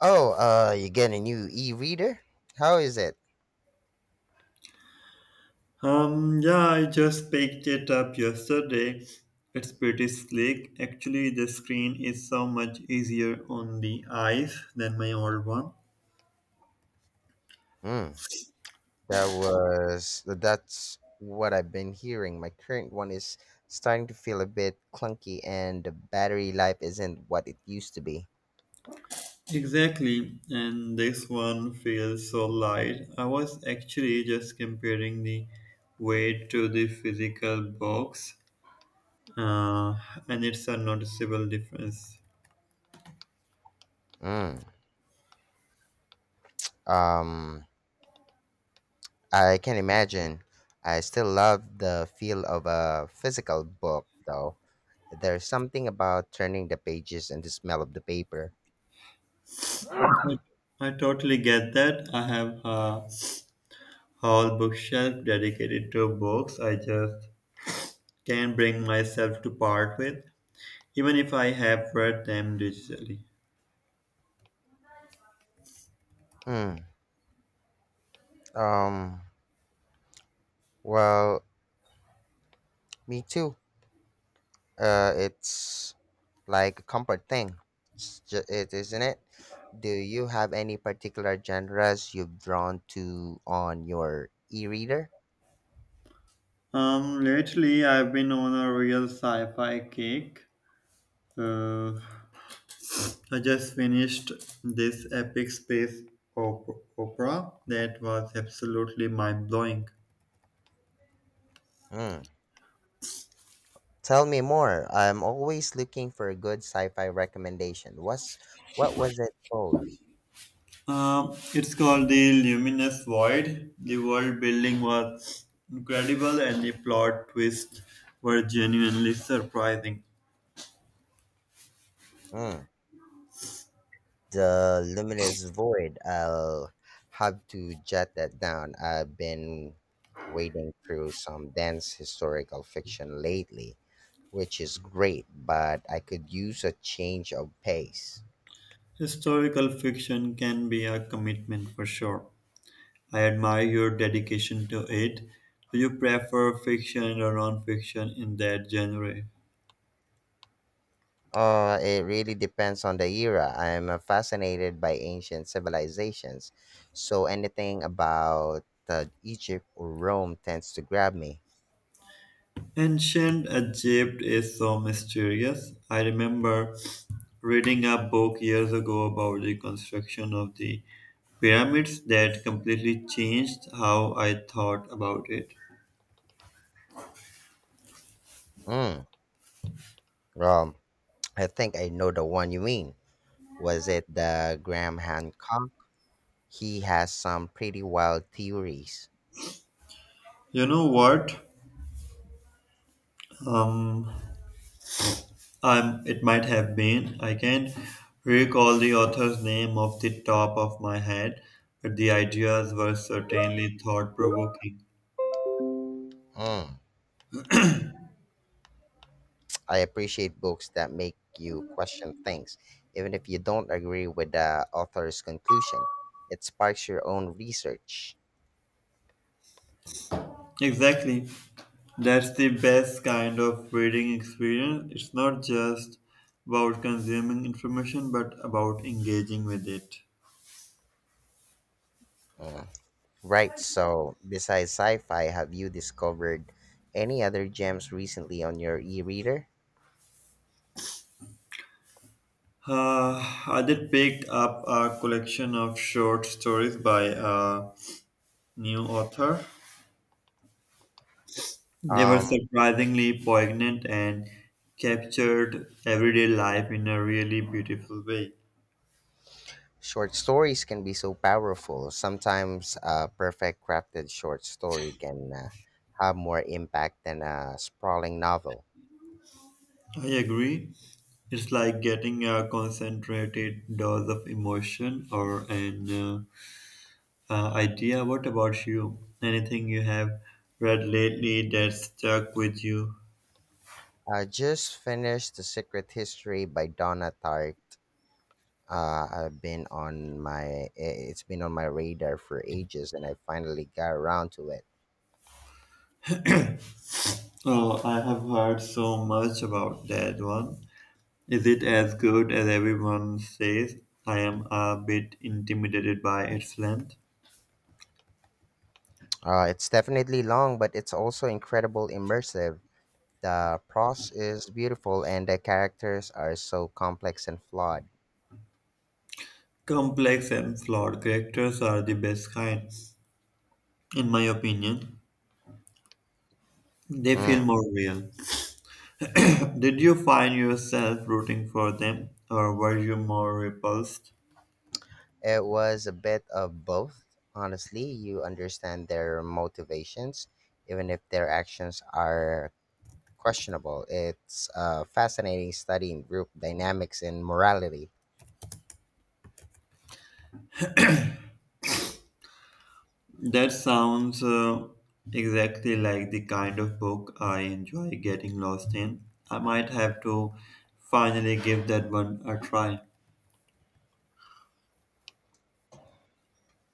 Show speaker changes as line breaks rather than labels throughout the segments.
Oh, you get a new e-reader? How is it?
Yeah, I just picked it up yesterday. It's pretty slick. Actually, the screen is so much easier on the eyes than my old one.
Mm, that's what I've been hearing. My current one is starting to feel a bit clunky, and the battery life isn't what it used to be.
Exactly, and this one feels so light. I was actually just comparing the weight to the physical box, uh, and it's a noticeable difference.
Mm, um, I can imagine. I still love the feel of a physical book, though. There's something about turning the pages and the smell of the paper.
I I totally get that. I have a whole bookshelf dedicated to books. I just can bring myself to part with, even if I have read them digitally.
Mm, um, well, Me too. It's like a comfort thing, it, isn't it? Do you have any particular genres you've drawn to on your e-reader?
Lately, I've been on a real sci fi kick. Uh, I just finished this epic space op- opera that was absolutely mind blowing.
Hmm. Tell me more. I'm always looking for a good sci-fi recommendation. What was it called?
It's called The Luminous Void. The world building was incredible, and the plot twists were genuinely surprising.
Hmm. The luminous void. I'll have to jot that down. I've been wading through some dense historical fiction lately, which is great, but I could use a change of pace.
Historical fiction can be a commitment for sure. I admire your dedication to it. Do you prefer fiction or non-fiction in that genre?
It really depends on the era. I'm fascinated by ancient civilizations, so anything about Egypt or Rome tends to grab me.
Ancient Egypt is so mysterious. I remember reading a book years ago about the construction of the pyramids that completely changed how I thought about it.
Mm, um, I think I know the one you mean. Was it the Graham Hancock? He has some pretty wild theories.
You know what? Um, it might have been. I can recall the author's name off the top of my head, but the ideas were certainly thought provoking.
Mm, I appreciate books that make you question things, even if you don't agree with the author's conclusion. It sparks your own research.
Exactly. That's the best kind of reading experience. It's not just about consuming information, but about engaging with it.
Mm. Right, so besides sci fi, have you discovered any other gems recently on your e reader?
I did pick up a collection of short stories by a new author. They were
Um,
surprisingly poignant and captured everyday life in a really beautiful way.
Short stories can be so powerful. Sometimes a perfect crafted short story can have more impact than a sprawling novel.
I agree. It's like getting a concentrated dose of emotion or an idea. What about you? Anything you have read lately that stuck with you?
I just finished The Secret History by Donna Tartt. I've been on my it's been on my radar for ages, and I finally got around to it.
Oh, I have heard so much about that one. Is it as good as everyone says? I am a bit intimidated by its length.
It's definitely long, but it's also incredible immersive. The prose is beautiful, and the characters are so complex and flawed.
Complex and flawed characters are the best kind, in my opinion. They
Mm.
feel more real. Did you find yourself rooting for them, or were you more repulsed?
It was a bit of both, honestly. You understand their motivations, even if their actions are questionable. It's a fascinating study in group dynamics and morality.
That sounds exactly like the kind of book I enjoy getting lost in. I might have to finally give that one a try.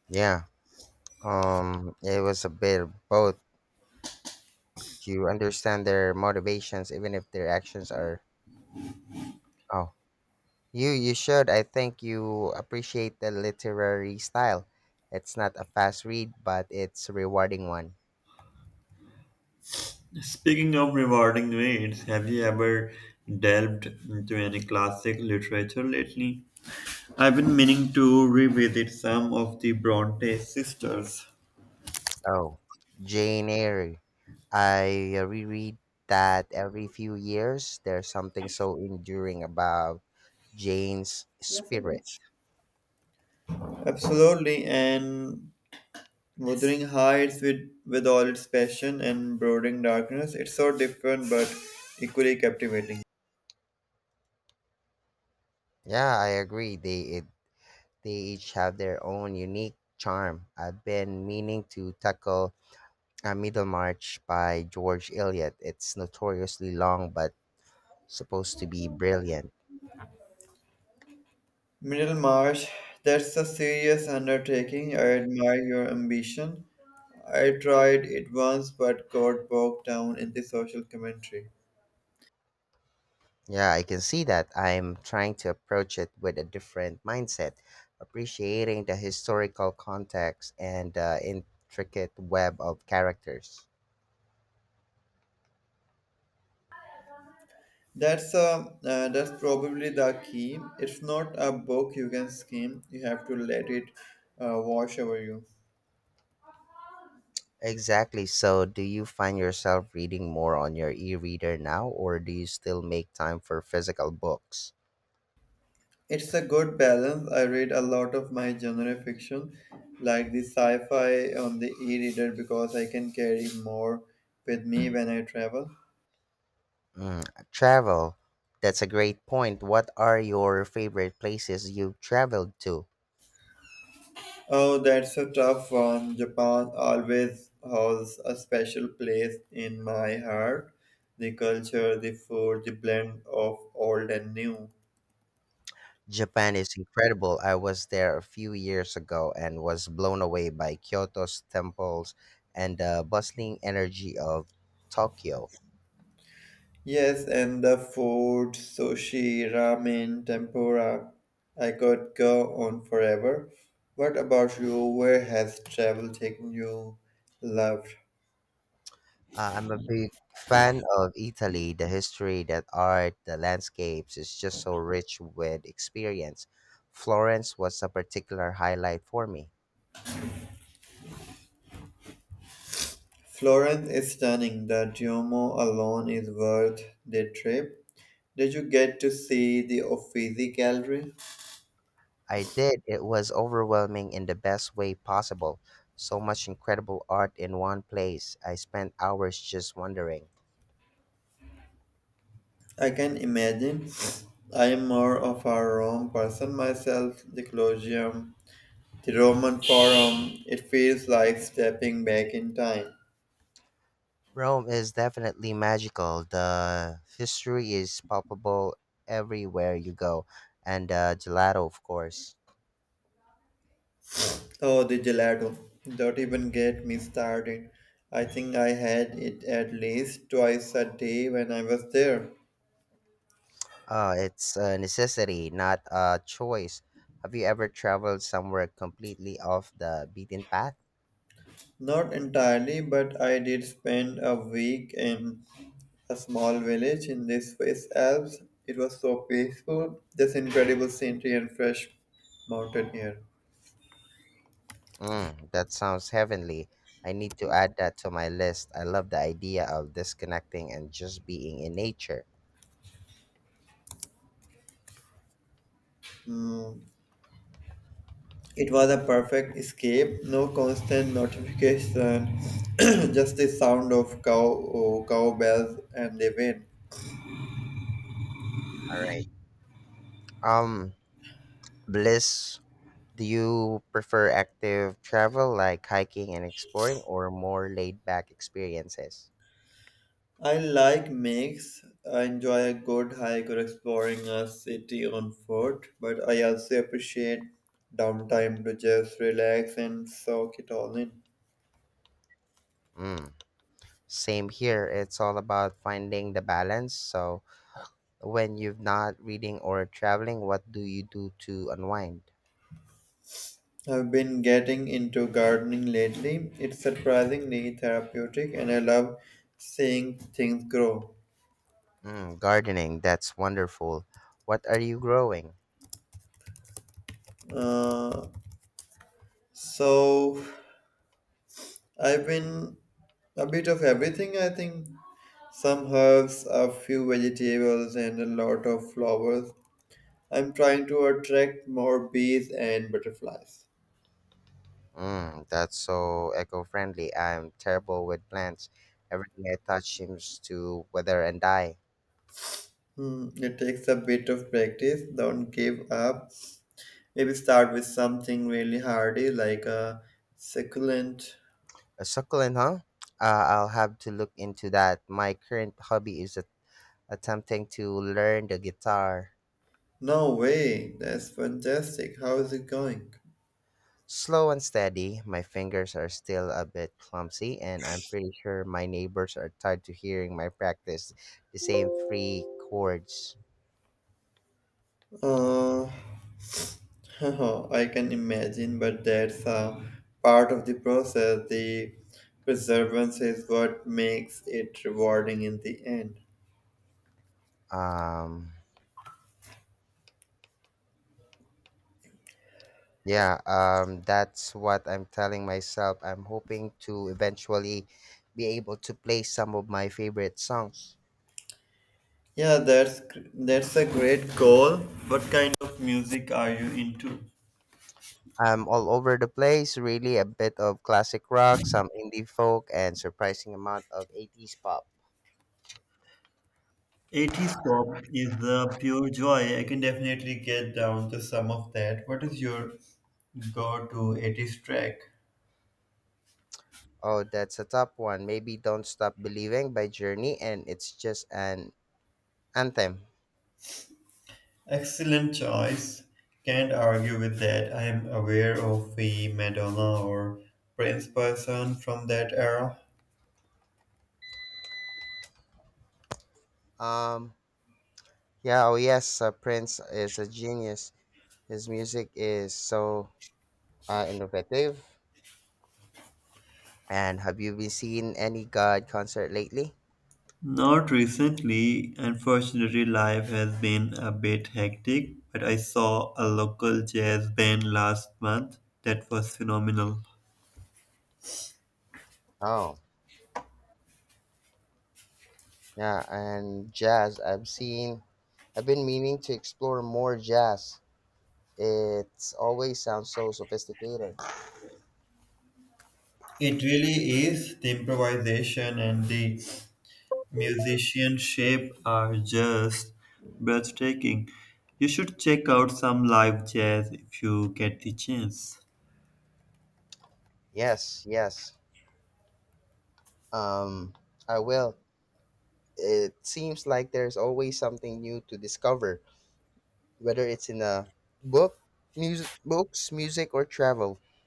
Yeah, it was a bit of both. You understand their motivations, even if their actions are. Oh, you should. I think you appreciate the literary style. It's not a fast read, but it's a rewarding one.
Speaking of rewarding reads, have you ever delved into any classic literature lately? I've been meaning to revisit some of the Bronte sisters.
Oh, Jane Eyre. I reread that every few years. There's something so enduring about Jane's spirit.
Absolutely, and Wuthering Heights with all its passion and brooding darkness, it's so different but equally captivating.
Yeah, I agree. They each have their own unique charm. I've been meaning to tackle A Middlemarch by George Eliot. It's notoriously long but supposed to be brilliant.
Middlemarch, that's a serious undertaking. I admire your ambition. I tried it once but got bogged down in the social commentary.
Yeah, I can see that. I'm trying to approach it with a different mindset, appreciating the historical context and the intricate web of characters.
That's a That's probably the key. It's not a book you can skim. You have to let it wash over you.
Exactly. So, do you find yourself reading more on your e reader now, or do you still make time for physical books?
It's a good balance. I read a lot of my genre fiction, like the sci-fi on the e-reader, because I can carry more with me when I travel.
Mm, Travel. That's a great point. What are your favorite places you've traveled to?
Oh, that's a tough one. Japan always holds a special place in my heart. The culture, the food, the blend of old and new.
Japan is incredible. I was there a few years ago and was blown away by Kyoto's temples and the bustling energy of Tokyo.
Yes, and the food, sushi, ramen, tempura. I could go on forever. What about you? Where has travel taken you? Loved.
I'm a big fan of Italy, the history, that art, the landscapes is just so rich with experience. Florence was a particular highlight for me.
Florence is stunning. The Duomo alone is worth the trip. Did you get to see the Uffizi Gallery?
I did. It was overwhelming in the best way possible. So much incredible art in one place. I spent hours just wondering.
I can imagine. I am more of a Rome person myself. The Colosseum, the Roman Forum. It feels like stepping back in time.
Rome is definitely magical. The history is palpable everywhere you go, and gelato, of course.
Oh, the gelato. Don't even get me started. I think I had it at least twice a day when I was there.
It's a necessity, not a choice. Have you ever traveled somewhere completely off the beaten path?
Not entirely, but I did spend a week in a small village in the Swiss Alps. It was so peaceful, this incredible scenery and fresh mountain air.
That sounds heavenly. I need to add that to my list. I love the idea of disconnecting and just being in nature.
Mm, it was a perfect escape, no constant notification, just the sound of cow bells and the wind.
All right. Um, Bliss, do you prefer active travel like hiking and exploring or more laid back experiences?
I like mix. I enjoy a good hike or exploring a city on foot, but I also appreciate downtime to just relax and soak it all in.
Mm, Same here. It's all about finding the balance. So, when you've not reading or traveling, what do you do to unwind?
I've been getting into gardening lately. It's surprisingly therapeutic and I love seeing things grow.
Gardening, that's wonderful. What are you growing?
Uh, so I've been a bit of everything, I think some herbs, a few vegetables, and a lot of flowers. I'm trying to attract more bees and butterflies.
That's so eco-friendly. I'm terrible with plants. Everything I touch seems to wither and die.
Hmm, it takes a bit of practice. Don't give up. Maybe start with something really hardy like a succulent.
A succulent, huh? I'll have to look into that. My current hobby is attempting to learn the guitar.
No way. That's fantastic. How is it going?
Slow and steady, my fingers are still a bit clumsy, and I'm pretty sure my neighbors are tired to hearing my practice the same three chords.
Uh, I can imagine, but that's a part of the process. The perseverance is what makes it rewarding in the end.
Um, yeah, that's what I'm telling myself. I'm hoping to eventually be able to play some of my favorite songs.
Yeah, that's a great goal. What kind of music are you into?
I'm all over the place, really a bit of classic rock, some indie folk, and surprising amount of 80s pop.
80s pop is the pure joy. I can definitely get down to some of that. What is your go-to 80s track?
Oh, that's a tough one. Maybe Don't Stop Believing by Journey, and it's just an anthem.
Excellent choice. Can't argue with that. I am aware of the Madonna or Prince person from that era.
Um, yeah, oh yes, Prince is a genius. His music is so innovative. And have you been seeing any God concert lately?
Not recently, unfortunately, life has been a bit hectic, but I saw a local jazz band last month that was phenomenal.
Oh, yeah, and jazz. I've been meaning to explore more jazz. It's always sounds so sophisticated.
It really is. The improvisation and the musicianship are just breathtaking. You should check out some live jazz if you get the chance.
Yes, yes. Um, I will. It seems like there's always something new to discover, whether it's in a book, music, or travel.